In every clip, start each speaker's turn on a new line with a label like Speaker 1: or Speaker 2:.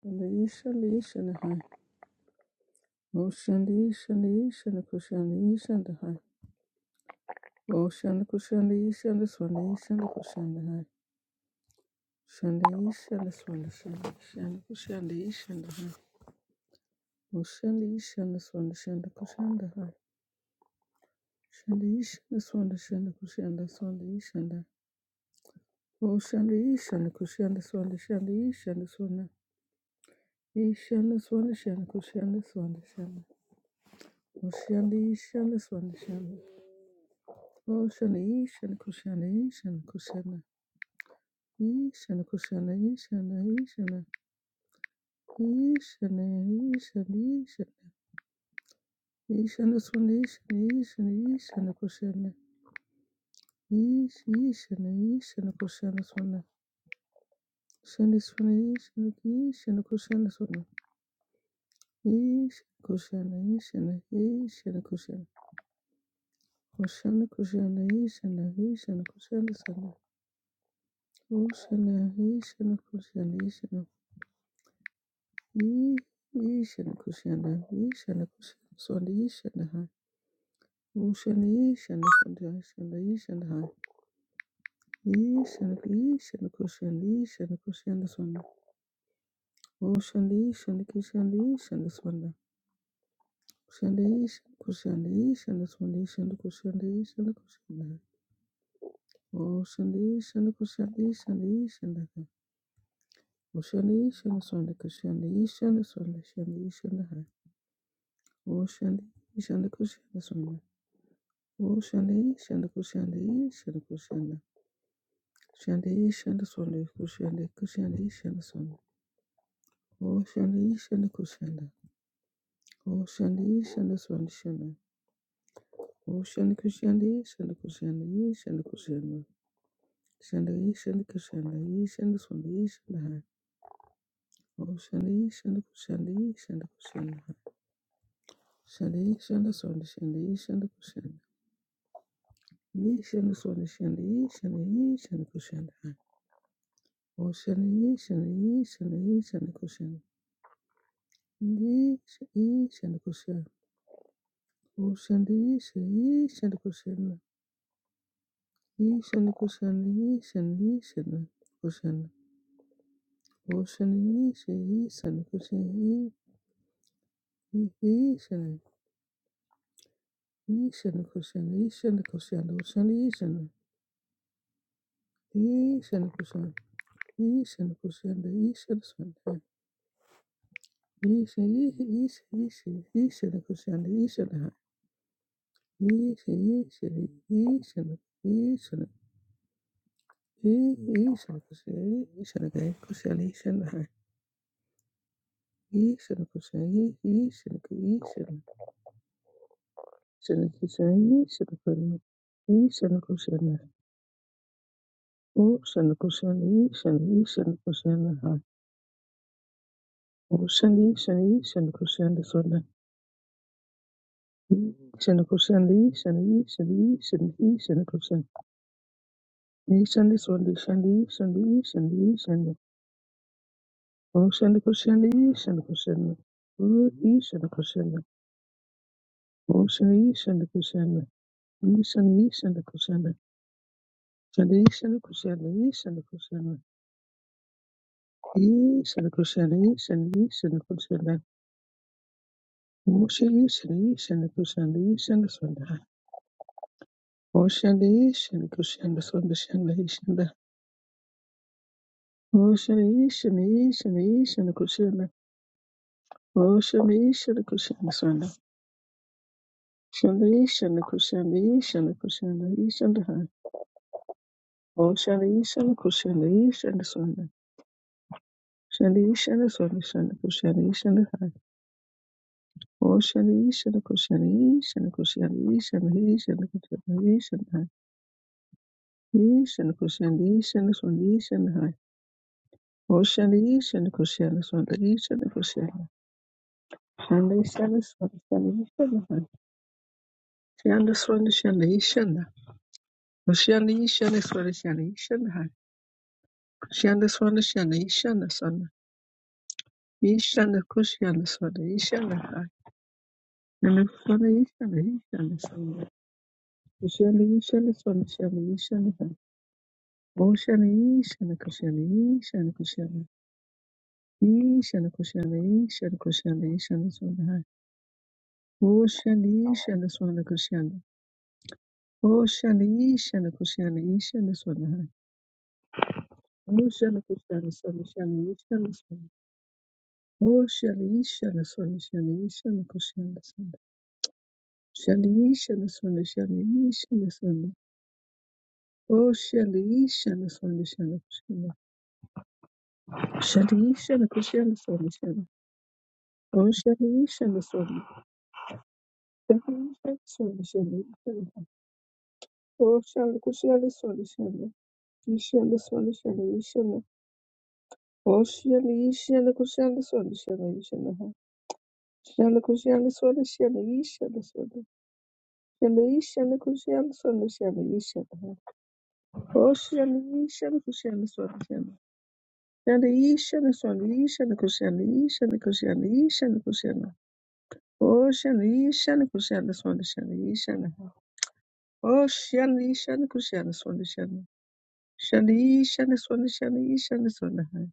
Speaker 1: Shandishandishandahai. Oshandishandishandahai. Oshandakushandishandaswandishandakushandahai. Shandishandaswandishandashandakushandishandahai. Oshandishandaswandishandakushandahai. Shandishandaswandishandakushandaswandishandahai. Oshandishandaskushandaswandishandishandaswanda. Ishandaswandishandakushandaswandashanda. Oshandishandaswandishanda. Kushana ishana kushana ishana kushana ishana kushana ishana ishana ishana ishana ishana ishana swana ishana ishana ishana kushana ish ishana ishana kushana swana shana swana ishana ishana kushana swana ish kushana ishana ishana kushana kushana kushana ishana ishana kushana swana kushana ishana kushana ishana Yishana kushana, yishana kushana, swanda yishana hai, ushana yishana, swanda yishana, yishana hai, yishana, yishana kushana, yishana kushana swanda, ushana yishana kushana, yishana swanda, ushana yishana kushana, yishana swanda, yishana kushana, yishana kushana hai, ushana yishana kushana, yishana, yishana hai, ushana yishana swanda kushana, yishana swanda, shana yishana hai, ushana yishana kushana swanda. Kushende, shende, kushende, shende, kushende. Shende, shende, swende, kushende, kushende, shende, swende. Oh, shende, shende, kushende. Oh, shende, shende, swende, shende. Oh, shende, kushende, shende, kushende, shende, kushende. Shende, shende, kushende, shende, swende, shende, hai. Oh, shende, shende, kushende, shende, kushende, hai. Shende, shende, swende, shende, shende, kushende. Ye, Shende, swende, shende, shende, shende, kushende, hai. Oh, shende, shende, shende, shende, kushende. Isha, isha, Nikusha. Oshanda, isha, isha, Nikushana. Isha, Nikushana, isha, and isha, Nikushana. Oshanda, isha, isha, Nikushana. Isha, isha, Nikushana, isha, Nikushana. Oshanda, isha, isha, Nikushana. Isha, Nikushana, isha, Nikushana. Isha, isha, isha, isha, isha, Nikushana, isha, Nikushana. Isha, isha, isha, isha, Yishinakashayi, yishinakayi, kushana, yishanakai. Yishinakashayi, yishinaka, yishana. Shinakashayi, yishinakari. Yishanakushana. Oshanakushana, yishana, yishanakushanakai. Oshana, yishana, yishanakushana, sona. Yishanakushana, yishana, yishana, yishana, yishanakushana. Yishana, sona, yishana, yishana, yishana, yishana. Oshanakushana, yishanakushana. Oshanakushana, yishanakushana. Ishana, Ishana, Kushana. Shana, Ishana, Kushana, Ishana, Kushana. Ishana, Kushana, Ishana, Ishana, Kushana. Moshe, Ishana, Ishana, Kushana, Ishana, Sunda. Oshana, Ishana, Kushana, Sunda, Shana, Ishana. Oshana, Ishana, Ishana, Ishana, Kushana. Oshana, Ishana, Kushana, Sunda. Shana, Ishana, Kushana, Ishana, Kushana, Ishana. Oshana, Ishana, Kushana, Ishana, Sunda. Shana, Ishana, Sunda, Shana, Kushana, Ishana. Oshani, shana kushani, shana kushani, shana he, shana kushani, shana hai, he, shana kushani, shana swani, shana hai. Oshani, shana kushani, swani, shana shani, Shana, shana, swani, shani, shana hai. Shana, swani, shana, shana. Oshani, shana, swani, shana, shana shani, Shana, swani, shana, shana, swani. He, shana, shani, swani, shana hai. Shana, swani, shana, shana, swani. Oshani, shana, shani, shana, shana hai. Boshana Ishana Kushana Ishana Kushana Ishana Kushana Ishana Kushana Ishana Swana Boshana Ishana Swana Kushana Boshana Ishana Kushana Ishana Swana Boshana Kushana Swana Shana Ishana Swana Boshana Ishana Swana Shana Ishana Kushana Swana Shana Ishana Swana Shana Ishana Swana Boshana Ishana Swana Shana Kushana Shana Ishana Kushana Swana Shana Boshana Ishana Swana Dhammansha Swanishana Oshana Kushana Swanishana Ishana Swanishana Ishana Oshana Ishana Kushana Swanishana Ishana Shana Kushana Swanishana Ishana Swana Shana Ishana Kushana Swanishana Ishana Oshana Ishana Kushana Swanishana Shana Ishana Swana Ishana Kushana Ishana Kushana Ishana Kushana Oshana Ishana Kushana Swanishana Ishana Oshana Ishana Kushana Swanishana Shani shani swana shani shani swana hai.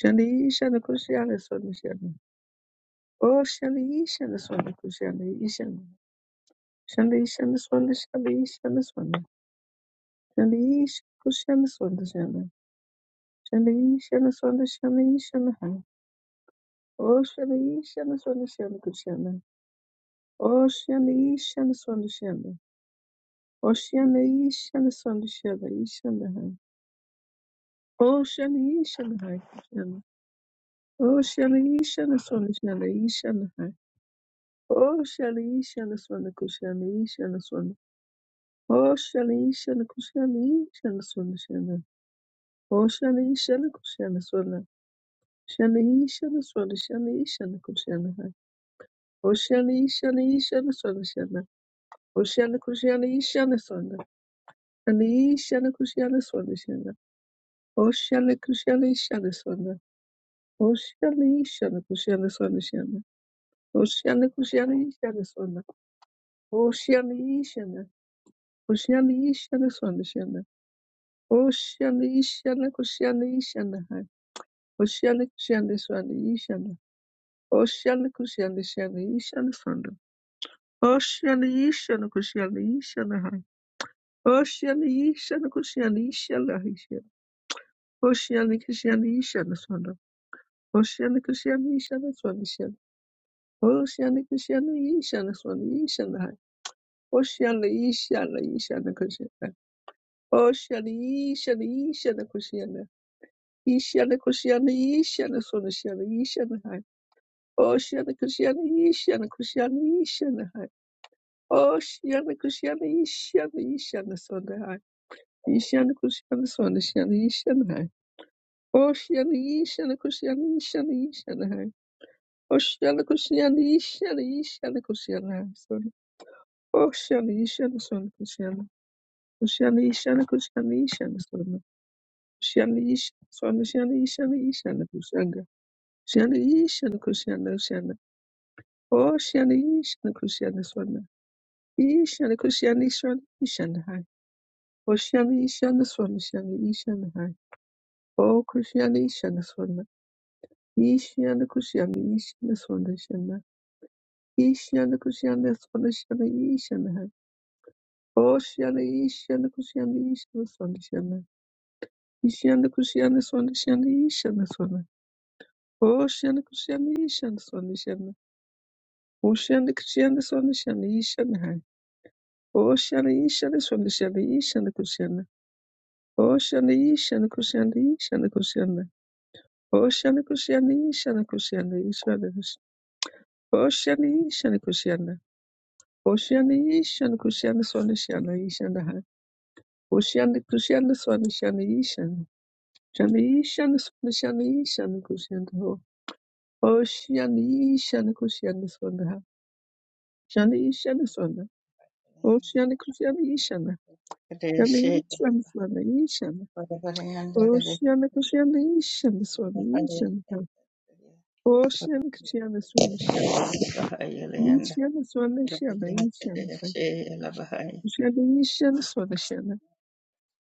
Speaker 1: Shani shani kushani swana shani. Oh shani shani swana kushani shani. Shani shani swana shani shani swana. Shani kushani swana shani. Shani shani swana shani shani hai. Oh shani shani swana shani kushani. Oh shani shani swana shani. Oh shani shani swana shani shani hai. Oh shani shani hai kushani. Oh shani shani swana shani shani hai. Oh, Shalishana Swana Kushani Shana Swana. Oh, Shalishana Kushani Shana Swana Shana. Oh, Shalishana Kushana Swana. Shani Shana Swana Shani Shana Kushana. Oh, Shalishana Shana Swana Shana. Oh, Shana Kushani Shana Swana. Shani Shana Kushana Swana Shana. Oh, Shana Kushani Shana Swana. Oh, Shalishana Kushana Swana Shana. Oh, Shana Kushani Shana Swana. Oh, Shalishana. Oh, Shalishana Swana Shana. Ocean, Ishana, Kushana, Ishana, Oceana, Kushana, Swanda, Ishana, Oceana, Kushana, Shana, Ishana, Swanda, Oceana, Ishana, Kushana, Ishana, Hai Oceana, Ishana, Kushana, Ishana, Ishana, Oceana, Kushana, Ishana, Swanda, Oceana, Kushana, Ishana, Swanda, Ishana, Oceana, Kushana, Ishana, Swanda, Ishana, Hai Oceana, Ishana, Ishana, Kushana, Oceana, Ishana, Ishana, Kushana, Ishana Kushana Ishana Sunashana Ishana Hai. Oshana Kushana Ishana Kushana Ishana Hai. Oshana Kushana Ishana Ishana Sunda Hai. Ishana Kushana Sunashana Ishana Hai. Oshana Ishana Kushana Ishana Ishana Hai. Oshana Kushana Ishana Ishana Kushana Hai Sunda. Oshana Ishana Sunda Kushana. Kushana Ishana Kushana Ishana Sunda. Kushana Ishana Sunashana Ishana Ishana Kushanga. Shana Ishana Kushana Ocean Ishan Kushana Swana. Ishan Kushana Ishan Ishan Hai. Ocean Ishan Swana Shan Ishan Hai. O Kushana Ishan the Swana. Ishan Kushana Ishan Swana Shan. Ishan Kushana Swana Shan Ishan Hai. Ocean Ishan Kushana Ishan Swana Shan. Ishan Kushana Swana Shan Ishan the Swana. Ocean Kushana Ishan Swana Shan. Ocean Kushana Swana Shan Ishan Hai. Ocean Ishan Swana Shan Ishan Kushana. Oshana Ishana Kushana Ishana Kushana Oshana Kushana Ishana Kushana Ishana Oshana Ishana Kushana Oshana Ishana Kushana Swana Shana Ishana Ha Oshana Kushana Swana Shana Ishana Shana Ishana Swana Shana Ishana Kushana Ho Oshana Ishana Kushana Swana Ha Shana Ishana Swana Oshana Kushana Ishana Shana Ishana Swana Ishana Oshana Kushana Ishana Swana Ishana O Shem Kishana Swana Shana. Ishana Swana Shana. Ishana Hai. Shana Ishana Swana Shana.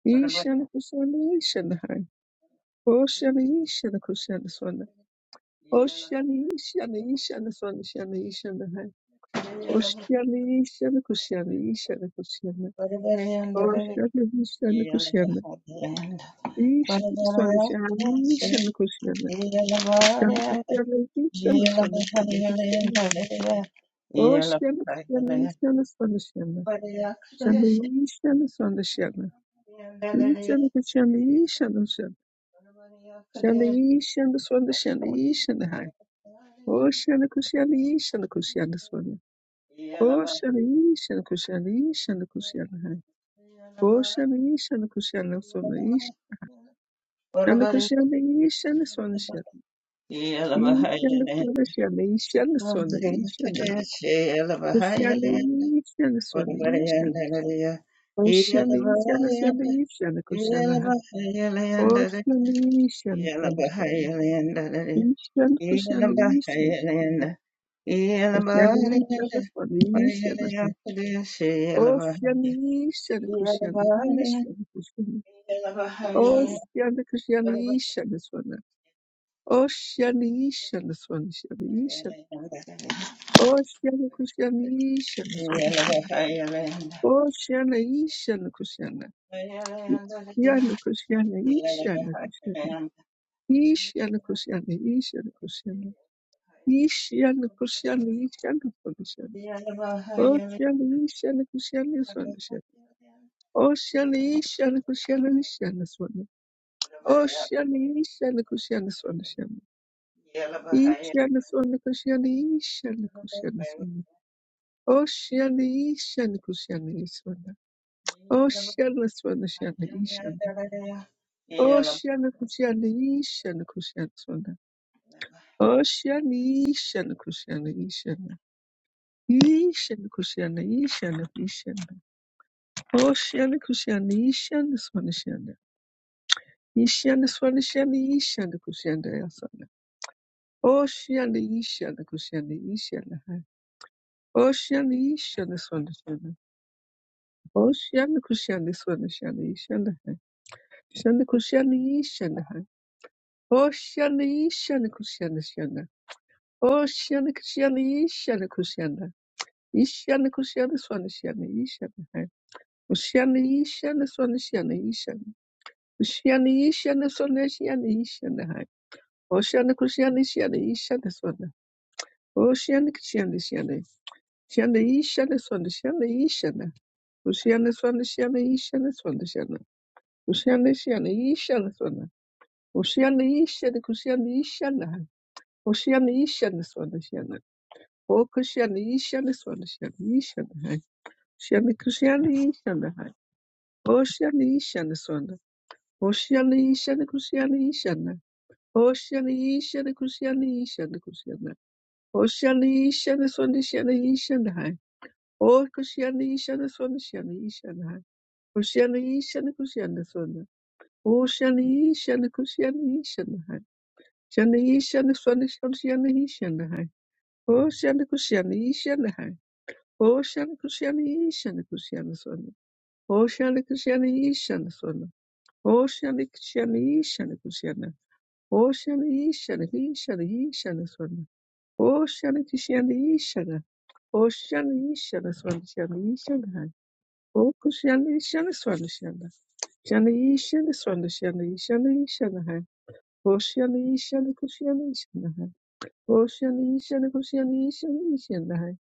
Speaker 1: Ishana Kuswana Ishana Hai. O Shana Ishana Kushana Swana. O Shana Ishana Ishana Swana Shana Ishana Hai. O Shana Ishana Kushana Ishana Kushana. O Shana Ishana Kushana. Ishana Swana Shana. Ishana Kushana. Shana Kushana Ishana Swana Shana. Ishana Hai. O Shana Kushana Ishana Swana Shana. Şanlı şanlı sonda şanlı. İşanlı kuşanlı işanlı şanlı. Şanlı
Speaker 2: Yeah.
Speaker 1: işanlı sonda şanlı işanlı hay. O şanlı kuşanlı işanlı kuşanlı sonda. O
Speaker 2: Yeah.
Speaker 1: şanlı işanlı kuşanlı işanlı kuşanlı hay. O şanlı işanlı kuşanlı sonda iş. Şanlı kuşanlı işanlı sonda şanlı. İşanlı sonda şanlı işanlı sonda işanlı. Kuşanlı işanlı sonda işanlı. O şanlı işanlı sonda işanlı kuşanlı hay. O şanlı işanlı sonda şanlı. Krishna, Krishna, Krishna, Krishna, Krishna, Krishna, Oh, Krishna, Krishna, Krishna, Krishna, Oh, Krishna, Krishna, Krishna, Krishna, Oh, Krishna, Krishna, Krishna, Krishna, Oh, Krishna, Krishna, Krishna, Krishna, Oh, Krishna, Krishna, Krishna, Oh, Shelly, you Shelly, who Shelly Oh, Shelly, you Shelly, who Shelly Shelly Oh, Shelly, you Shelly, who Shelly is on the ship. Each Shelly Shelly, Shelly, Shelly Oh, Shelly, you Shelly, who Shelly Oh, Shelly is on the Shelly, Shelly. Oh, Shelly, who Shelly, you Shelly, who Shelly is on the Oh, Shelly, you Shelly, Shelly Shelly. You Shelly, Shelly, Shelly, Shelly. Oh, Shelly, who Shelly, you Shelly Shelly. Yishanda swanda shanda yishanda kushanda yasanda. Oh shanda yishanda kushanda yishanda hai. Oh shanda yishanda swanda shanda. Oh shanda kushanda swanda shanda yishanda hai. Shanda kushanda yishanda hai. Oh shanda yishanda kushanda shanda. Oh shanda kushanda yishanda kushanda. Yishanda kushanda swanda shanda yishanda hai. Ushanda yishanda swanda shanda yishanda. Ushanda yishanda swanda shanda yishanda hai. Oshana Kushana Shana Ishana Oceana que Shanda Shanda. Shanda e Shanda Swanda Shanda e Shanda. Oceana Swanda Shanda e Shanda Swanda Shanda. Oceana Shanda e Shanda Swanda. Oceana e Shanda Kushanda e Shanda. Oceana e Shanda Swanda Shanda. O Kushanda e Shanda Swanda Shanda e Shanda. Shanda Kushanda e Shanda. Oceana e Shanda Swanda. Oceana e Shanda Kushanda e Shanda. Oceana e Shanda Yi e Shanda Kushanda. Oceana e Shanda Swanda Shanda e Shanda. O Kushiyana Ishana Swana Shana Ishana Kushiyana Ishana Kushiyana Swana O Shana Ishana Kushiyana Ishana Hai Shana Ishana Swana Shana Shana Ishana Hai O Shana Kushiyana Ishana Hai O Shana Kushiyana Ishana Kushiyana Swana O Shana Kushiyana Ishana Swana O Shana Kushiyana Ishana Kushiyana O Shana Ishana Ishana Ishana Swana O Shana Kushiyana Ishana O Shana Ishana Swana Shana Ishana Hai Okushanda ishanda swanda shanda. Shanda ishanda swanda shanda ishanda ishanda hai. Oshanda ishanda kushanda ishanda hai. Oshanda ishanda kushanda ishanda ishanda hai.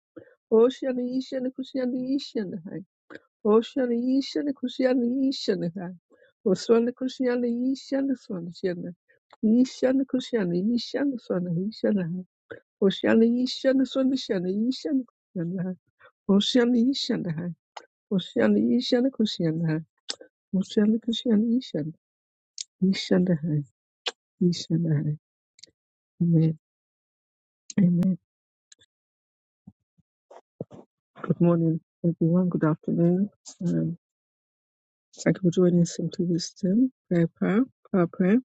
Speaker 1: Oshanda ishanda kushanda ishanda hai. Oshanda ishanda kushanda ishanda hai. Oswanda kushanda ishanda swanda shanda. Ishanda kushanda ishanda swanda ishanda hai. Oshanda ishanda swanda shanda ishanda kushanda hai. Oshanda ishanda hai. Oshanda ishanda kushanda hai. Mushalakashan Ishan. Ishandahai. Ishandahai. Amen. Amen. Good morning, everyone. Good afternoon. Um, thank you for joining Simply Wisdom Prayer Power, Power Prayer.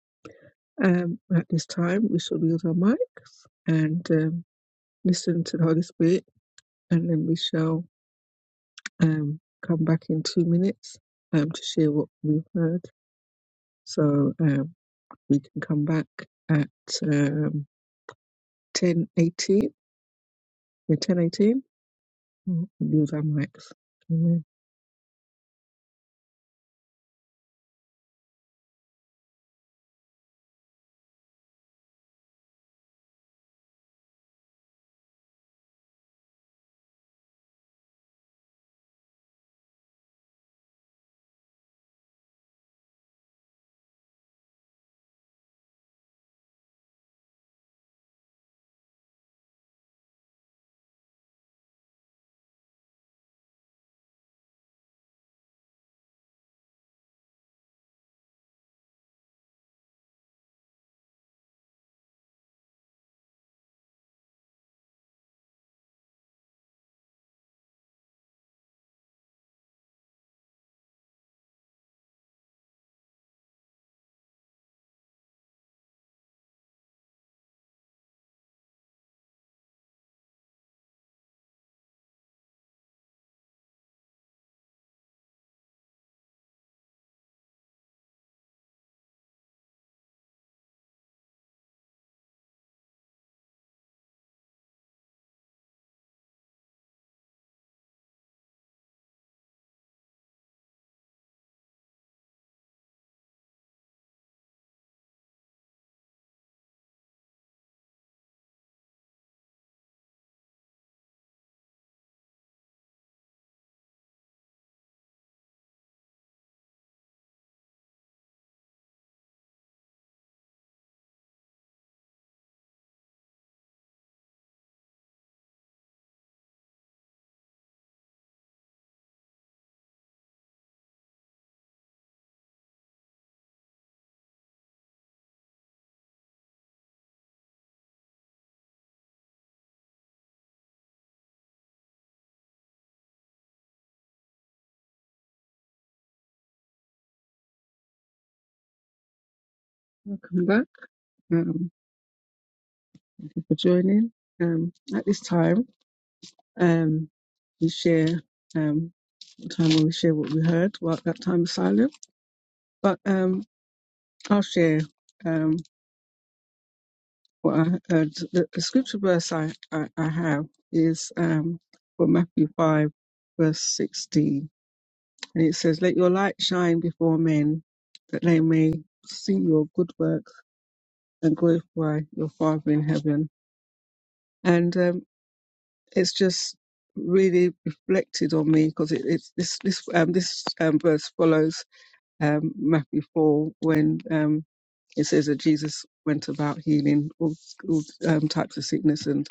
Speaker 1: Um, at this time, we shall use our mics and um, listen to the Holy Spirit, and then we shall um, come back in two minutes um, to share what we've heard. So um, we can come back at um, ten eighteen. We'll Use our mics. Amen. Welcome back. Um, thank you for joining. Um, at this time, um, we share um a time when we share what we heard. Well, that time is silent, but um, I'll share um what I heard. The, the scripture verse I, I I have is um from Matthew five verse sixteen, and it says, "Let your light shine before men, that they may see your good works and glorify your Father in heaven." And um, it's just really reflected on me because it, it's this this um this um verse follows um Matthew four when um it says that Jesus went about healing all, all um, types of sickness and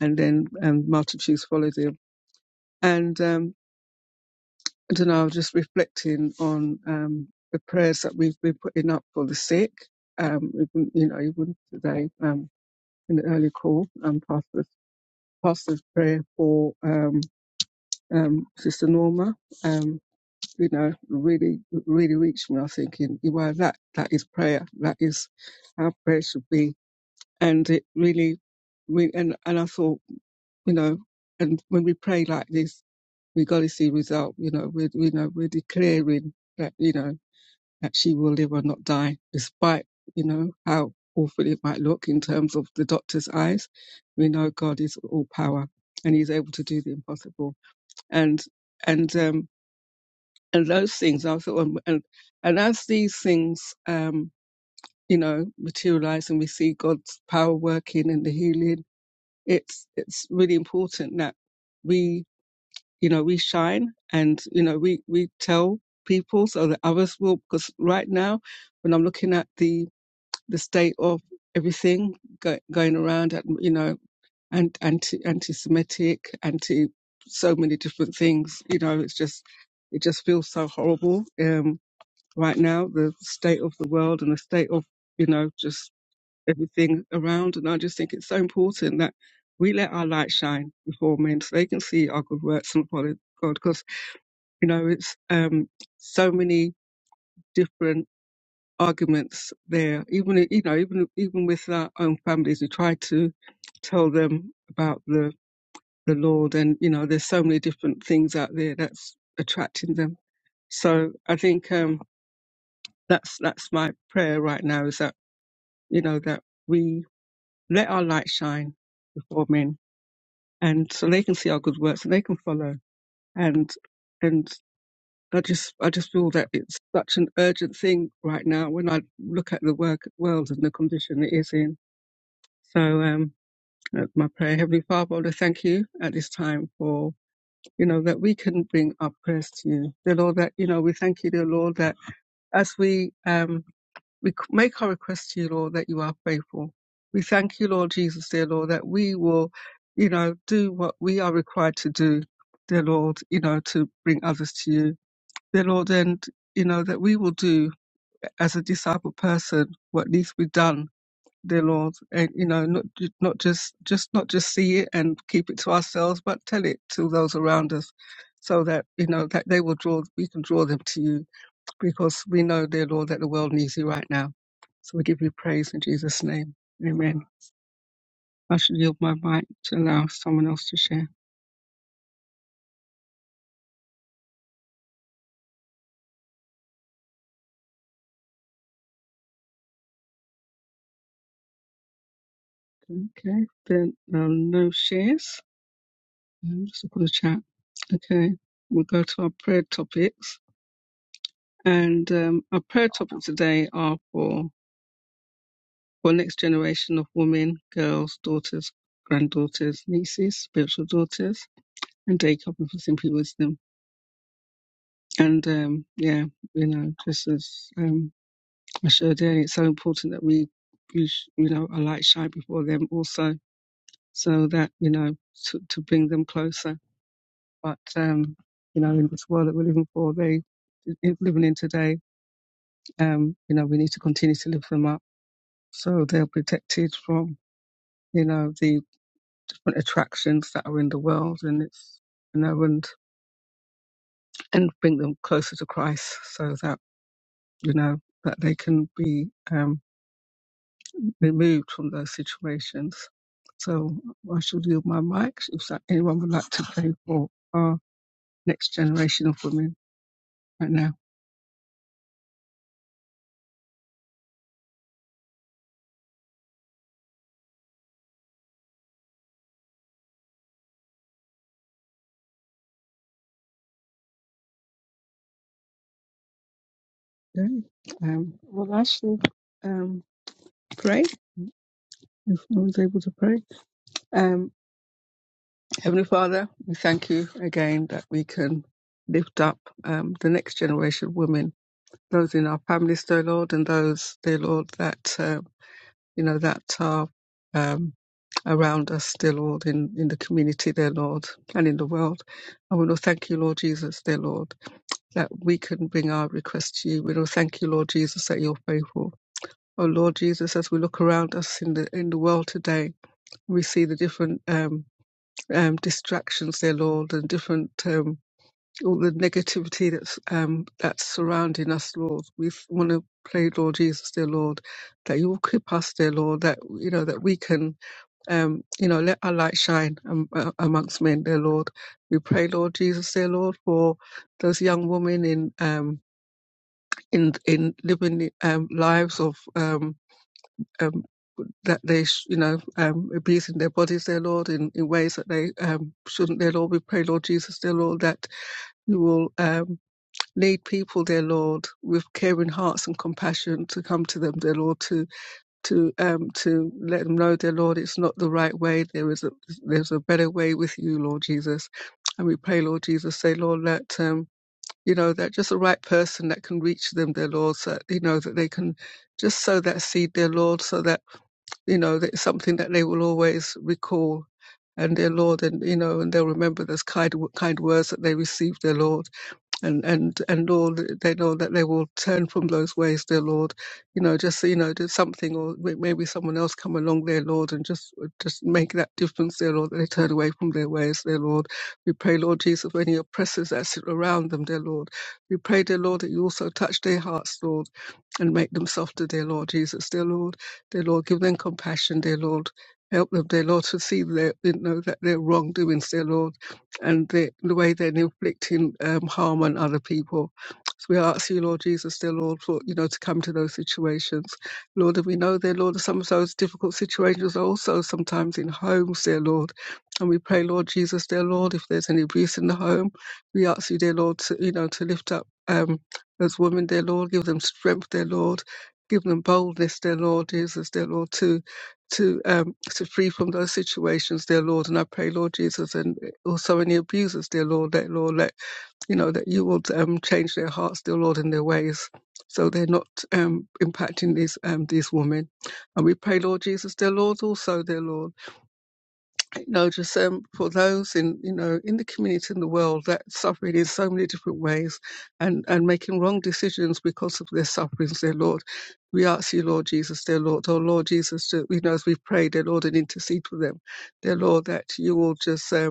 Speaker 1: and then um, multitudes followed him and um I don't know I was just reflecting on um the prayers that we've been putting up for the sick um even, you know even today um in the early call um pastor's pastor's prayer for um, um, Sister Norma, um, you know, really, really reached me. I was thinking, well, that, that is prayer. That is how prayer should be. And it really, we and, and I thought, you know, and when we pray like this, we got to see result. You know, we, you know, we're declaring that, you know, that she will live or not die, despite, you know, how awful it might look in terms of the doctor's eyes. We know God is all power and he's able to do the impossible. And, and, um, and those things I thought um, and and as these things um you know materialize and we see God's power working and the healing it's it's really important that we you know we shine and you know we we tell people so that others will because right now when I'm looking at the the state of everything go, going around at you know and anti anti-semitic anti so many different things you know it's just it just feels so horrible Um, right now, the state of the world and the state of, you know, just everything around. And I just think it's so important that we let our light shine before men so they can see our good works and follow God. Because, you know, it's um, so many different arguments there. Even, i- you know, even, even with our own families, we try to tell them about the, the Lord. And, you know, there's so many different things out there that's attracting them. So I think um, that's that's my prayer right now is that you know, that we let our light shine before men and so they can see our good works and they can follow. And and I just I just feel that it's such an urgent thing right now when I look at the work world and the condition it is in. So um that's my prayer, Heavenly Father, Lord, I thank you at this time for, you know, that we can bring our prayers to you. Dear Lord, that, you know, we thank you, dear Lord, that as we um We make our request to you, Lord, that you are faithful. We thank you, Lord Jesus, dear Lord, that we will, you know, do what we are required to do, dear Lord, you know, to bring others to you. Dear Lord, and, you know, that we will do as a disciple person what needs to be done. Dear Lord, and you know, not ju- not just just not just see it and keep it to ourselves, but tell it to those around us, so that you know that they will draw. We can draw them to you because we know, dear Lord, that the world needs you right now. So we give you praise in Jesus' name. Amen. I should yield my mic to allow someone else to share. Okay. Then uh, no shares. Um, Just look at the chat. Okay. We'll go to our prayer topics. And um, our prayer topics today are for for next generation of women, girls, daughters, granddaughters, nieces, spiritual daughters, and day covering for simply wisdom. And um, yeah, you know, just as um, Michelle Day, it's so important that we, we, sh- you know, our light shine before them also, so that, you know, to, to bring them closer. But, um, you know, in this world that we're living for, they, in- living in today, um, you know, we need to continue to lift them up so they're protected from, you know, the different attractions that are in the world and it's, you know, and, and bring them closer to Christ so that, you know, that they can be, um, removed from those situations. So I should yield my mic if so- anyone would like to pray for our next generation of women right now. Okay. Um, well, I shall um, pray if no one's able to pray. Um, Heavenly Father, we thank you again that we can lift up um, the next generation of women, those in our families, dear Lord, and those, dear Lord, that. uh, you know, that are um, around us dear Lord, in, in the community, dear Lord, and in the world. And we will thank you, Lord Jesus, dear Lord, that we can bring our request to you. We will thank you, Lord Jesus, that you're faithful. Oh Lord Jesus, as we look around us in the in the world today, we see the different um, um, distractions, dear Lord, and different um, all the negativity that's um, that's surrounding us, Lord. We want to pray, Lord Jesus, dear Lord, that you will keep us, dear Lord, that you know that we can um, you know, let our light shine um, uh, amongst men, dear Lord. We pray, Lord Jesus, dear Lord, for those young women in um, in in living um, lives of um, um, that they, sh- you know, um, abusing their bodies, dear Lord, in, in ways that they um, shouldn't, dear Lord. We pray, Lord Jesus, dear Lord, that you will um, lead people, dear Lord, with caring hearts and compassion to come to them, dear Lord, to to um to let them know, dear Lord, it's not the right way. There is a there's a better way with you, Lord Jesus. And we pray, Lord Jesus, say, Lord, that um you know that just the right person that can reach them, dear Lord, so that, you know that they can just sow that seed, dear Lord, so that you know that it's something that they will always recall. And dear Lord, and you know, and they'll remember those kind kind words that they received, dear Lord and and and Lord, they know that they will turn from those ways, dear Lord. You know, just you know, do something, or may- maybe someone else come along, dear Lord, and just just make that difference, dear Lord. That they turn away from their ways, dear Lord. We pray, Lord Jesus, for any oppressors that sit around them, dear Lord. We pray, dear Lord, that you also touch their hearts, Lord and make them softer, dear Lord Jesus, dear Lord, dear Lord, give them compassion, dear Lord. Help them, dear Lord, to see their, you know, that their wrongdoings, dear Lord, and the, the way they're inflicting um, harm on other people. So we ask you, Lord Jesus, dear Lord, for, you know, to come to those situations. Lord, and we know, dear Lord, that some of those difficult situations are also sometimes in homes, dear Lord. And we pray, Lord Jesus, dear Lord, if there's any abuse in the home, we ask you, dear Lord, to, you know, to lift up, um, those women, dear Lord. Give them strength, dear Lord. Give them boldness, dear Lord Jesus, dear Lord, to to um to free from those situations, dear Lord. And I pray, Lord Jesus, and also any abusers, dear Lord, that Lord, that you know that you will um change their hearts, dear Lord, and their ways. So they're not um, impacting these um, these women, and we pray, Lord Jesus, dear Lord, also, dear Lord you know, just um, for those in, you know, in the community in the world that suffering in so many different ways and, and making wrong decisions because of their sufferings, dear Lord. We ask you, Lord Jesus, dear Lord, oh Lord Jesus, to, you know, as we pray, dear Lord, and intercede for them, dear Lord, that you will just um,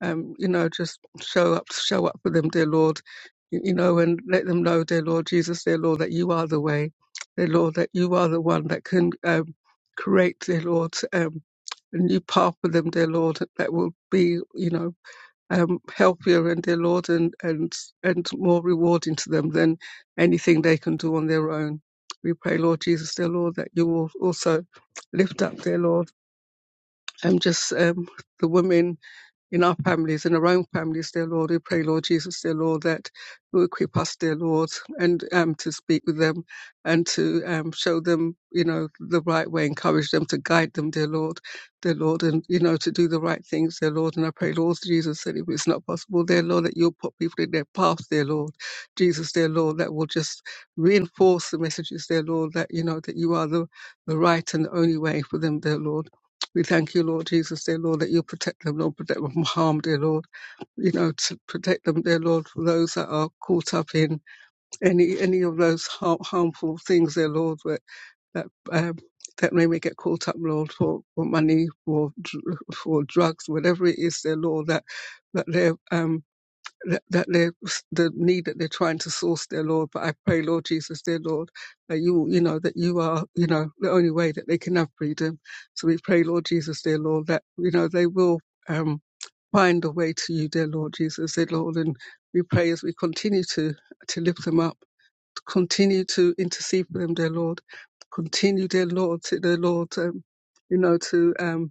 Speaker 1: um, you know, just show up, show up for them, dear Lord, you, you know, and let them know, dear Lord Jesus, dear Lord, that you are the way, dear Lord, that you are the one that can um, create, dear Lord, um, a new path for them, dear Lord, that will be, you know, um, healthier and dear Lord, and and and more rewarding to them than anything they can do on their own. We pray, Lord Jesus, dear Lord, that you will also lift up, dear Lord, and just um, the women in our families, in our own families, dear Lord. We pray, Lord Jesus, dear Lord, that you equip us, dear Lord, and um, to speak with them and to um, show them, you know, the right way, encourage them, to guide them, dear Lord, dear Lord, and, you know, to do the right things, dear Lord. And I pray, Lord Jesus, that if it's not possible, dear Lord, that you'll put people in their path, dear Lord. Jesus, dear Lord, that will just reinforce the messages, dear Lord, that, you know, that you are the, the right and the only way for them, dear Lord. We thank you, Lord Jesus, dear Lord, that you protect them, Lord, protect them from harm, dear Lord. You know, to protect them, dear Lord, from those that are caught up in any any of those har- harmful things, dear Lord, that that um, that they may get caught up, Lord, for, for money, for dr- for drugs, whatever it is, dear Lord, that that they're um that, that they're the need that they're trying to source, their Lord. But I pray, Lord Jesus, dear Lord, that you, you know, that you are, you know, the only way that they can have freedom. So we pray, Lord Jesus, dear Lord, that you know they will um, find a way to you, dear Lord Jesus, dear Lord, and we pray as we continue to to lift them up, continue to intercede for them, dear Lord, continue, dear Lord, to dear Lord, um, you know, to um,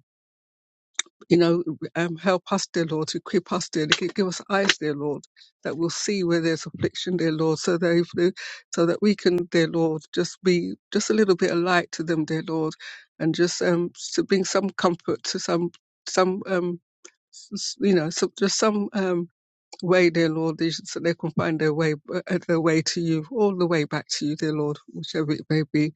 Speaker 1: you know, um, help us, dear Lord, equip us, dear, Lord, give us eyes, dear Lord, that we'll see where there's affliction, dear Lord, so that if they- so that we can, dear Lord, just be just a little bit of light to them, dear Lord, and just um to bring some comfort to some some um s- s- you know some, just some um way, dear Lord, they should- so they can find their way uh, their way to you, all the way back to you, dear Lord, whichever it may be.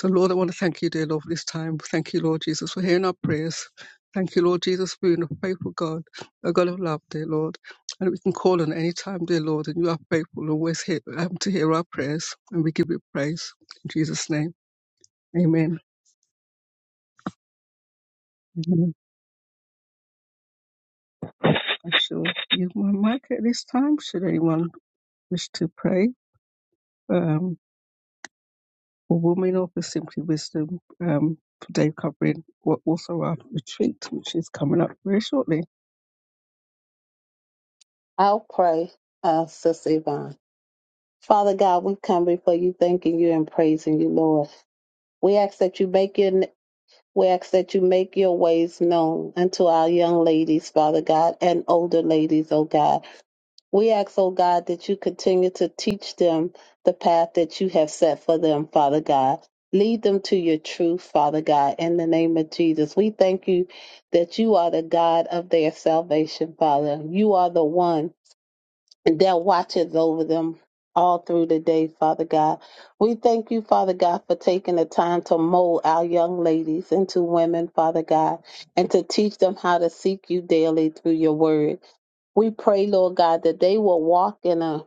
Speaker 1: So, Lord, I want to thank you, dear Lord, for this time. Thank you, Lord Jesus, for hearing our prayers. Thank you, Lord Jesus, for being a faithful God, a God of love, dear Lord. And we can call on any time, dear Lord, and you are faithful and always here, um, to hear our prayers. And we give you praise. In Jesus' name, amen. amen. I shall use my mic at this time. Should anyone wish to pray um, for women or for simply wisdom um, today, covering what also our retreat, which is coming up very shortly.
Speaker 3: I'll pray, uh, Sister Yvonne. Father God, we come before you, thanking you and praising you, Lord. We ask that you make your we ask that you make your ways known unto our young ladies, Father God, and older ladies, oh God. We ask, oh God, that you continue to teach them the path that you have set for them, Father God. Lead them to your truth, Father God, in the name of Jesus. We thank you that you are the God of their salvation, Father. You are the one and that watches over them all through the day, Father God. We thank you, Father God, for taking the time to mold our young ladies into women, Father God, and to teach them how to seek you daily through your word. We pray, Lord God, that they will walk in a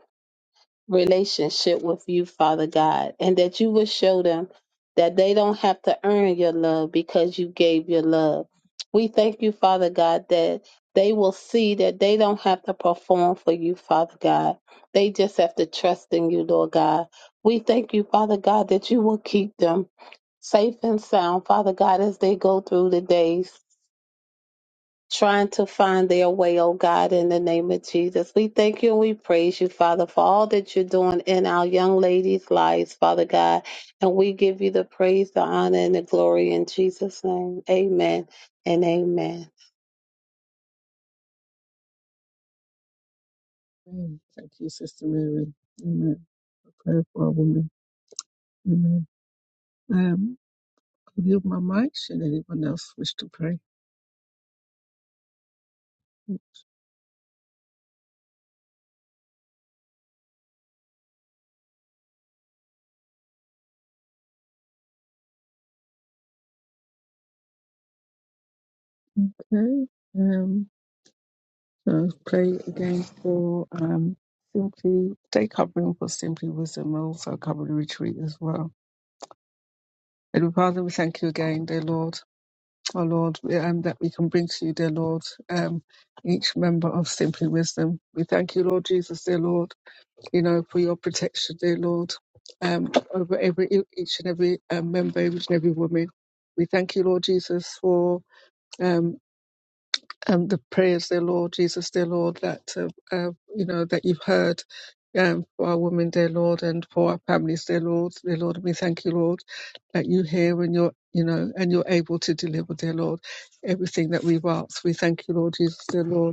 Speaker 3: relationship with you, Father God, and that you will show them that they don't have to earn your love because you gave your love. We thank you, Father God, that they will see that they don't have to perform for you, Father God. They just have to trust in you, Lord God. We thank you, Father God, that you will keep them safe and sound, Father God, as they go through the days trying to find their way, oh God, in the name of Jesus. We thank you and we praise you, Father, for all that you're doing in our young ladies' lives, Father God. And we give you the praise, the honor, and the glory in Jesus' name. Amen and amen.
Speaker 1: Amen. Thank you, Sister Mary. Amen. Prayer for a woman. Amen. Um, I'll yield my mic. Should anyone else wish to pray? Okay. Um, so I'll pray again for um, simply day covering for simply wisdom. and also cover the retreat as well. And Father, we thank you again, dear Lord, oh Lord, we- um, that we can bring to you, dear Lord, um, each member of Simply Wisdom. We thank you, Lord Jesus, dear Lord. you know, for your protection, dear Lord, um, over every e-, each and every um, member, each and every woman. We thank you, Lord Jesus, for um, um, the prayers, dear Lord Jesus, dear Lord, that uh, uh, you know that you've heard. Um, for our women, dear Lord, and for our families, dear Lord, dear Lord, we thank you, Lord, that you hear and you're, you know, and you're able to deliver, dear Lord, everything that we've asked. We thank you, Lord Jesus, dear Lord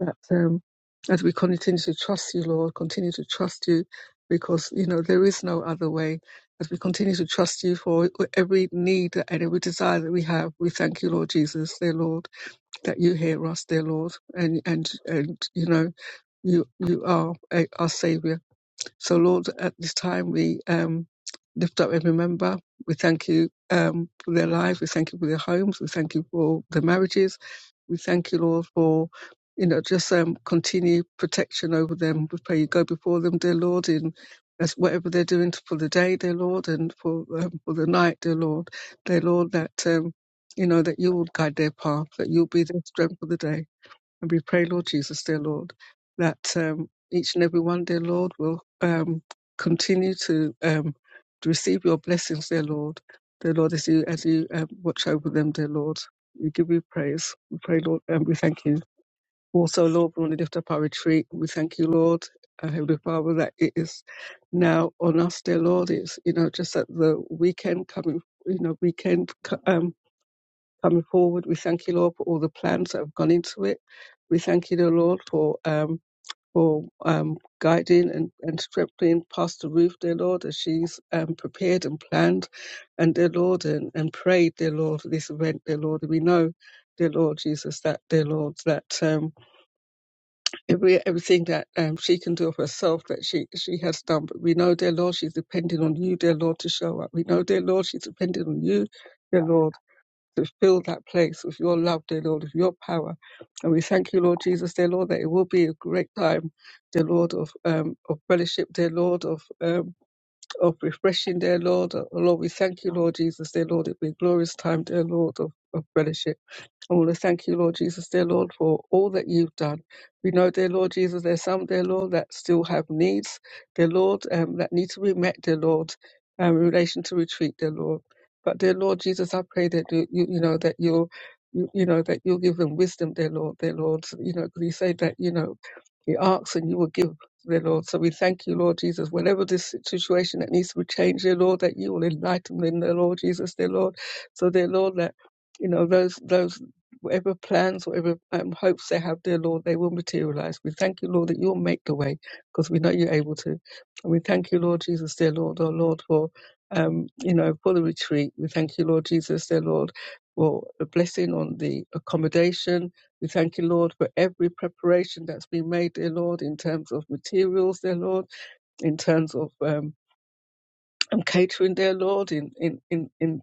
Speaker 1: that um, as we continue to trust you, Lord, continue to trust you because, you know, there is no other way. As we continue to trust you for every need and every desire that we have, we thank you, Lord Jesus, dear Lord, that you hear us, dear Lord, and, and, and you know, you, you are a, our Savior. So, Lord, at this time we um, lift up every member. We thank you um, for their lives. We thank you for their homes. We thank you for their marriages. We thank you, Lord, for you know just um, continue protection over them. We pray you go before them, dear Lord, in as whatever they're doing for the day, dear Lord, and for um, for the night, dear Lord, dear Lord, that um, you know that you will guide their path, that you'll be their strength for the day. And we pray, Lord Jesus, dear Lord, that um, each and every one, dear Lord, will um, continue to um, to receive your blessings, dear Lord. Dear Lord, as you, as you um, watch over them, dear Lord, we give you praise. We pray, Lord, and we thank you. Also, Lord, we want to lift up our retreat. We thank you, Lord, uh, Heavenly Father, that it is now on us, dear Lord. It's, you know, just at the weekend coming, you know, weekend co- um, coming forward. We thank you, Lord, for all the plans that have gone into it. We thank you, dear Lord, for um, for um, guiding and, and strengthening Pastor Ruth, dear Lord, as she's um, prepared and planned, and dear Lord, and, and prayed, dear Lord, for this event, dear Lord. We know, dear Lord Jesus, that dear Lord, that um, every everything that um, she can do of herself that she she has done. But we know, dear Lord, she's depending on you, dear Lord, to show up. We know, dear Lord, she's depending on you, dear Lord to fill that place with your love, dear Lord, with your power. And we thank you, Lord Jesus, dear Lord, that it will be a great time, dear Lord, of um, of fellowship, dear Lord, of um, of refreshing, dear Lord. Oh, Lord, we thank you, Lord Jesus, dear Lord. It'll be a glorious time, dear Lord, of, of fellowship. I want to thank you, Lord Jesus, dear Lord, for all that you've done. We know, dear Lord Jesus, there's some, dear Lord, that still have needs, dear Lord, um, that need to be met, dear Lord, um, in relation to retreat, dear Lord. But, dear Lord Jesus, I pray that you, you, you know, that you'll, you, you know, that you'll give them wisdom, dear Lord, dear Lord. You know, because you say that, you know, you ask and you will give, dear Lord. So we thank you, Lord Jesus. Whenever this situation that needs to be changed, dear Lord, that you will enlighten them, dear Lord Jesus, dear Lord. So, dear Lord, that, you know, those, those, whatever plans, whatever um, hopes they have, dear Lord, they will materialize. We thank you, Lord, that you'll make the way because we know you're able to. And we thank you, Lord Jesus, dear Lord, oh Lord, for, um, you know, for the retreat. We thank you, Lord Jesus, dear Lord, for a blessing on the accommodation we thank you, Lord, for every preparation that's been made, dear Lord, in terms of materials, dear Lord, in terms of um, and catering, dear Lord, in in in in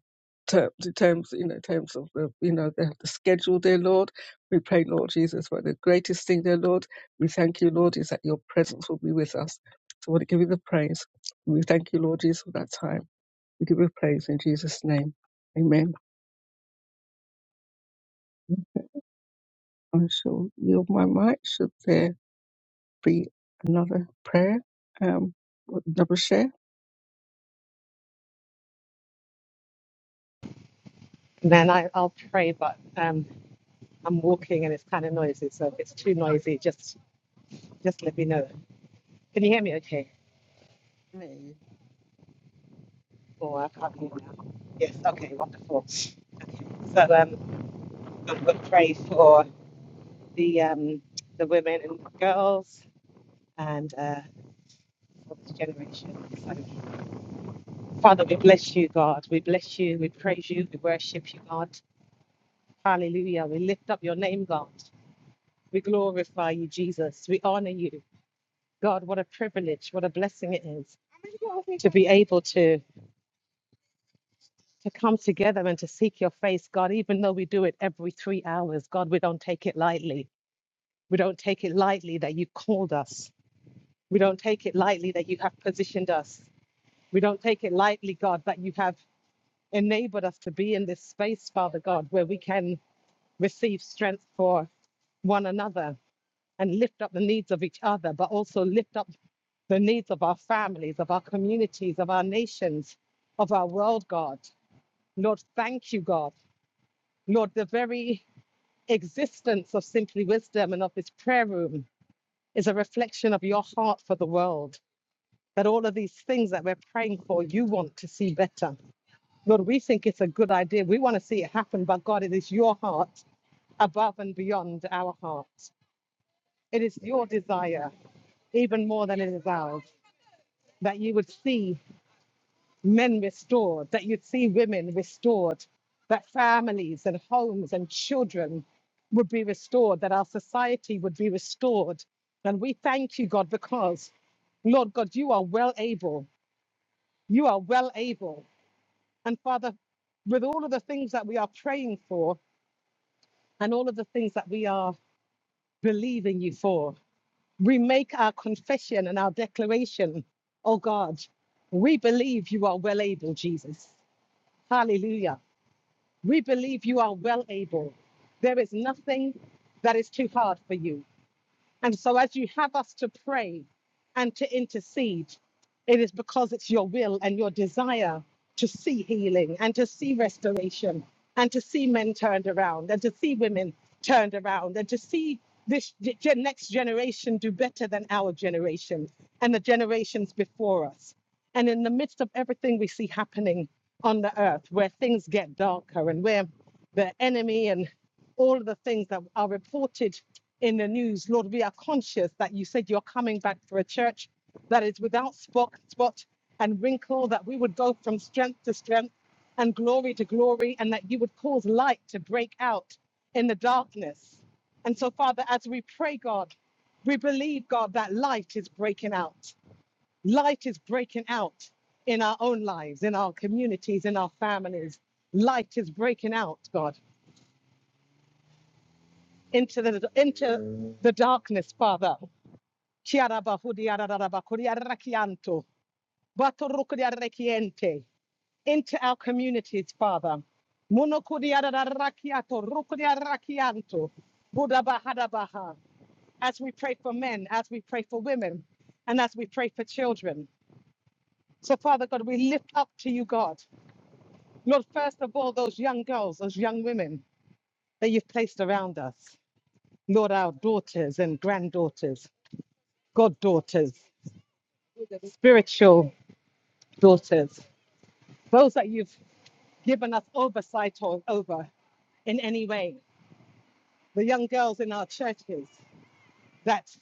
Speaker 1: terms, in terms you know, in terms of the, you know the, the schedule, dear Lord. We pray, Lord Jesus, for the greatest thing, dear Lord. We thank you, Lord, is that your presence will be with us. So, we want to give you the praise. We thank you, Lord Jesus, for that time. We give you praise in Jesus' name. Amen. I shall yield my mic. Should there be another prayer, um, or double share.
Speaker 4: And then I, I'll pray, but um, I'm walking and it's kind of noisy. So if it's too noisy, just just let me know. Can you hear me okay?
Speaker 1: Amen.
Speaker 4: Or I can't hear you now. Yes, okay, wonderful. Okay. So um, I will pray for the um, the women and girls and uh, for this generation. So, Father, we bless you, God. We bless you. We praise you. We worship you, God. Hallelujah. We lift up your name, God. We glorify you, Jesus. We honor you. God, what a privilege, what a blessing it is to be able to to come together and to seek your face, God, even though we do it every three hours, God, we don't take it lightly. We don't take it lightly that you've called us. We don't take it lightly that you have positioned us. We don't take it lightly, God, that you have enabled us to be in this space, Father God, where we can receive strength for one another and lift up the needs of each other, but also lift up the needs of our families, of our communities, of our nations, of our world, God. Lord, thank you, God. Lord, the very existence of Simply Wisdom and of this prayer room is a reflection of your heart for the world. That all of these things that we're praying for, you want to see better. Lord, we think it's a good idea. We want to see it happen, but God, it is your heart above and beyond our hearts. It is your desire, even more than it is ours. that you would see men restored, that you'd see women restored, that families and homes and children would be restored, that our society would be restored. And we thank you, God, because, Lord God, you are well able. You are well able. And Father, with all of the things that we are praying for and all of the things that we are believing you for, we make our confession and our declaration, oh God, we believe you are well able, Jesus. Hallelujah. We believe you are well able. There is nothing that is too hard for you. And so, as you have us to pray and to intercede, it is because it's your will and your desire to see healing and to see restoration and to see men turned around and to see women turned around and to see this g- gen- next generation do better than our generation and the generations before us. And in the midst of everything we see happening on the earth, where things get darker and where the enemy and all of the things that are reported in the news. Lord, we are conscious that you said you're coming back for a church that is without spot, spot and wrinkle, that we would go from strength to strength and glory to glory, and that you would cause light to break out in the darkness. And so, Father, as we pray, God, we believe, God, that light is breaking out. Light is breaking out in our own lives, in our communities, in our families. Light is breaking out, God into the into the darkness, Father. Chiarabahudiararabakuriarakianto, batorukuriarakiente, Into our communities, Father. Monokuriararakiato, rukuriarakianto, budabahadabaha. As we pray for men, as we pray for women, and as we pray for children. So, Father God, we lift up to you, God. Lord, first of all, those young girls, those young women that you've placed around us. Lord, our daughters and granddaughters. goddaughters, spiritual daughters, those that you've given us oversight o- over in any way, the young girls in our churches that,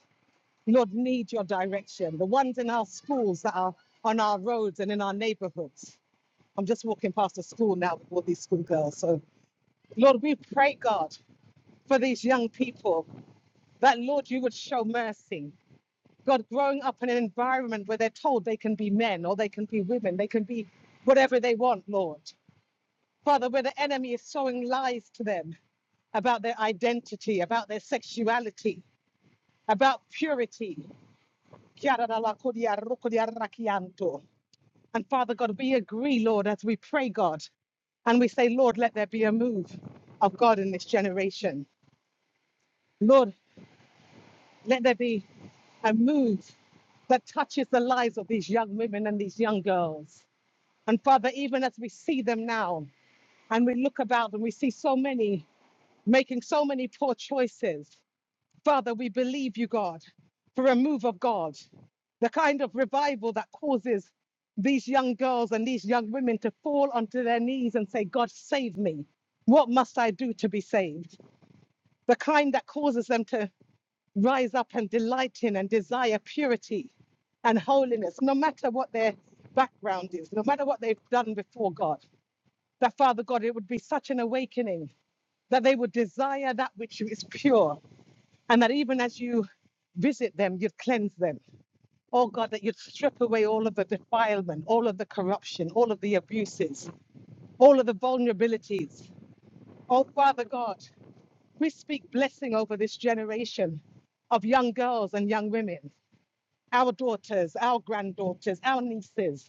Speaker 4: Lord, need your direction, the ones in our schools that are on our roads and in our neighborhoods. I'm just walking past a school now with all these schoolgirls. So, Lord, we pray, God, for these young people that, Lord, you would show mercy. God, growing up in an environment where they're told they can be men or they can be women, they can be whatever they want, Lord. Father, where the enemy is sowing lies to them about their identity, about their sexuality, about purity. And Father God, we agree, Lord, as we pray, God, and we say, Lord, let there be a move of God in this generation. Lord, let there be a move that touches the lives of these young women and these young girls. And Father, even as we see them now and we look about and we see so many making so many poor choices, Father, we believe you, God, for a move of God, the kind of revival that causes these young girls and these young women to fall onto their knees and say, God, save me. What must I do to be saved? The kind that causes them to rise up and delight in and desire purity and holiness, no matter what their background is, no matter what they've done before God that Father God, it would be such an awakening that they would desire that which is pure, and that even as you visit them, you'd cleanse them. Oh God, that you'd strip away all of the defilement, all of the corruption, all of the abuses, all of the vulnerabilities. Oh Father God, we speak blessing over this generation of young girls and young women, our daughters, our granddaughters, our nieces.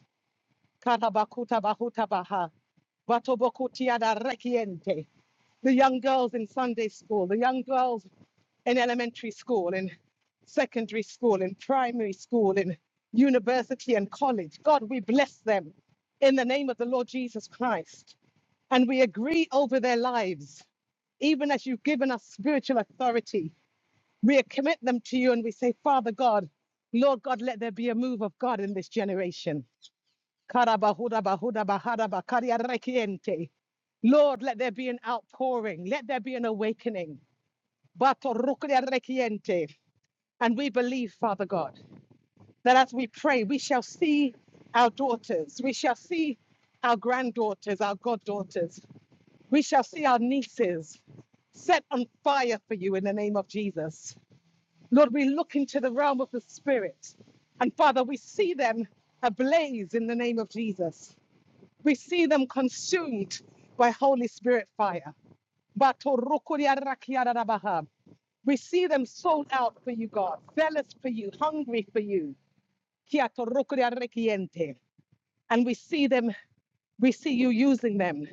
Speaker 4: Kanabakuta bahuta baha. Watobokutia da rekiente. The young girls in Sunday school, the young girls in elementary school, in secondary school, in primary school, in university and college. God, we bless them in the name of the Lord Jesus Christ. And we agree over their lives, even as you've given us spiritual authority. We commit them to you and we say, Father God, Lord God, let there be a move of God in this generation. Karabahuda bahuda bahada bakaria rekiente. Lord, let there be an outpouring. Let there be an awakening. Bato rukuria rekiente. And we believe, Father God, that as we pray, we shall see our daughters. We shall see our granddaughters, our goddaughters. We shall see our nieces set on fire for you in the name of Jesus. Lord, we look into the realm of the Spirit. And Father, we see them ablaze in the name of Jesus. We see them consumed by Holy Spirit fire. We see them sold out for you, God, zealous for you, hungry for you. And we see them, we see you using them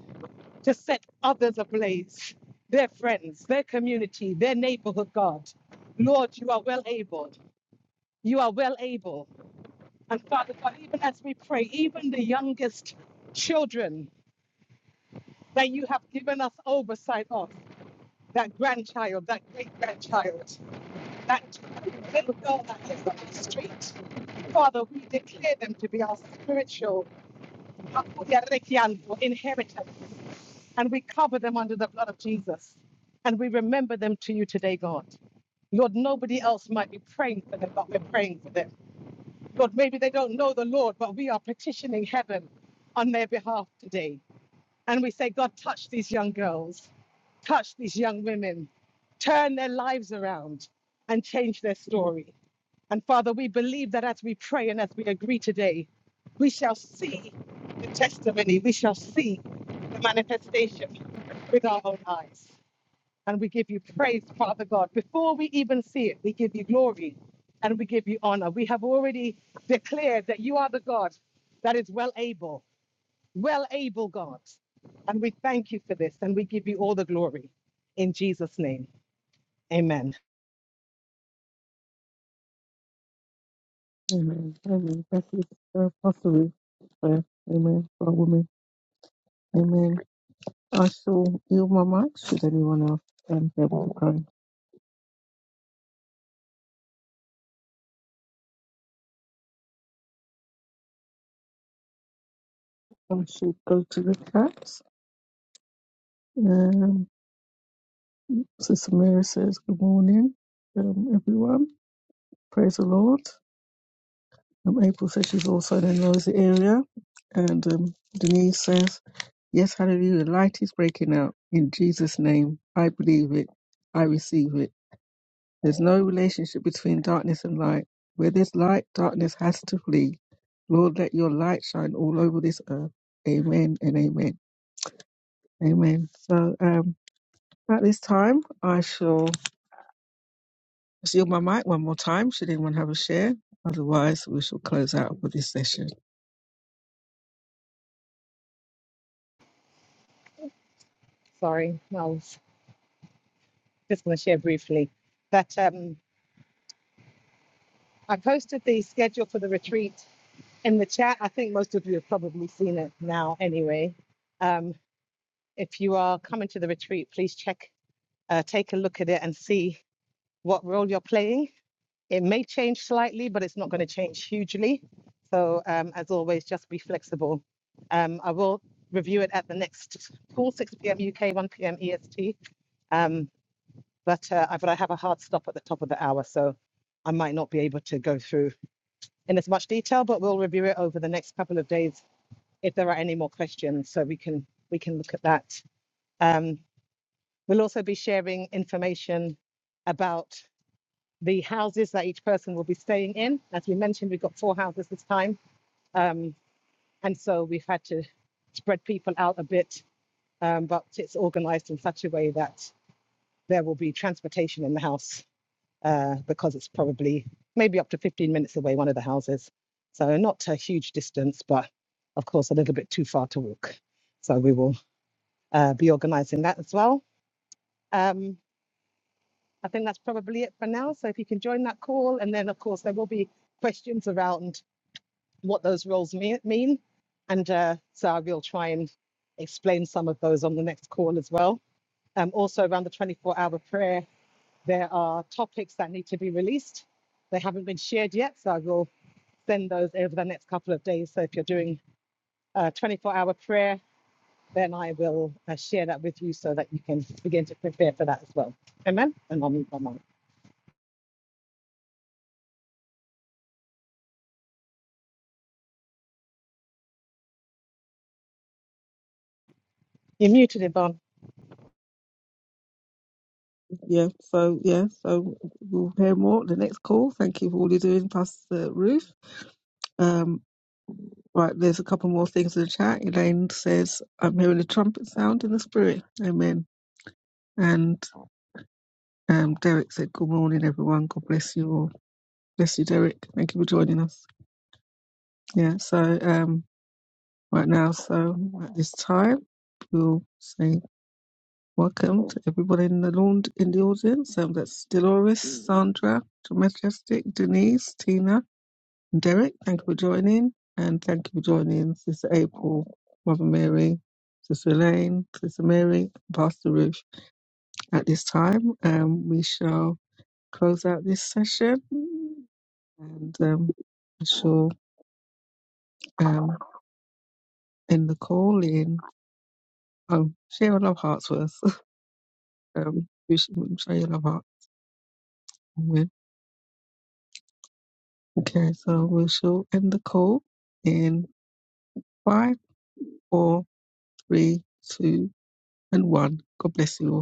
Speaker 4: to set others ablaze, their friends, their community, their neighborhood, God. Lord, you are well able. You are well able. And Father God, even as we pray, even the youngest children, that you have given us oversight of that grandchild, that great grandchild, that little girl that lives on the street. Father, we declare them to be our spiritual inheritance, and we cover them under the blood of Jesus, and we remember them to you today, God. Lord, nobody else might be praying for them, but we're praying for them. Lord, maybe they don't know the Lord, but we are petitioning heaven on their behalf today and we say, God, touch these young girls, touch these young women, turn their lives around and change their story. And Father, we believe that as we pray and as we agree today, we shall see the testimony, we shall see the manifestation with our own eyes. And we give you praise, Father God. Before we even see it, we give you glory and we give you honor. We have already declared that you are the God that is well able well able God. And we thank you for this and we give you all the glory in Jesus' name. Amen.
Speaker 1: Amen. Amen. Thank you, uh, Pastor Ruth. for Prayer. Amen. For women. Amen. I shall yield my mic. Should anyone else um, be able to pray? I should go to the chat. Um, Sister Mary says, Good morning, um, everyone. Praise the Lord. Um, April says she's also in a noisy area. And um, Denise says, Yes, hallelujah. Light is breaking out in Jesus' name. I believe it. I receive it. There's no relationship between darkness and light. Where there's light, darkness has to flee. Lord, let your light shine all over this earth. Amen and amen. Amen. So um, at this time, I shall. Let's yield my mic one more time. Should anyone have a share? Otherwise, we shall close out for this session.
Speaker 4: Sorry, I was just going to share briefly that um, I posted the schedule for the retreat in the chat. I think most of you have probably seen it now anyway. Um, if you are coming to the retreat, please check, uh, take a look at it and see what role you're playing It may change slightly, but it's not going to change hugely. So, um, as always, just be flexible. Um, I will review it at the next call, 6 p.m. UK, 1 p.m. EST. Um, but, uh, I, but I have a hard stop at the top of the hour, so I might not be able to go through in as much detail. But we'll review it over the next couple of days if there are any more questions, so we can we can look at that. Um, we'll also be sharing information about the houses that each person will be staying in. As we mentioned, we've got four houses this time. Um, and so we've had to spread people out a bit, um, but it's organized in such a way that there will be transportation in the house uh, because it's probably maybe up to 15 minutes away, one of the houses. So not a huge distance, but of course, a little bit too far to walk. So we will uh, be organizing that as well. Um, I think that's probably it for now. So if you can join that call, and then of course, there will be questions around what those roles mean. And uh, so I will try and explain some of those on the next call as well. Um, also, around the 24 hour prayer, there are topics that need to be released. They haven't been shared yet, so I will send those over the next couple of days. So if you're doing a 24 hour prayer, then I will uh, share that with you so that you can begin to prepare for that as well. Amen. And I'll mute my mic. You're muted, Yvonne.
Speaker 1: Yeah, so yeah, so we'll hear more at the next call. Thank you for all you're doing, Pastor Ruth. Um, right, there's a couple more things in the chat. Elaine says, I'm hearing a trumpet sound in the spirit. Amen. And Um, Derek said, Good morning, everyone. God bless you all. Bless you, Derek. Thank you for joining us. Yeah, so um, right now, so at this time, we'll say welcome to everybody in the lawn, in the audience. Um, that's Dolores, Sandra, Majestic, Denise, Tina, and Derek. Thank you for joining. And thank you for joining Sister April, Mother Mary, Sister Elaine, Sister Mary, Pastor Ruth. At this time, um, we shall close out this session And um, I'm sure um, in the call in, um, share your love hearts with us. um, we should share your love heart with. Okay, so we shall end the call in five, four, three, two, and one. God bless you all.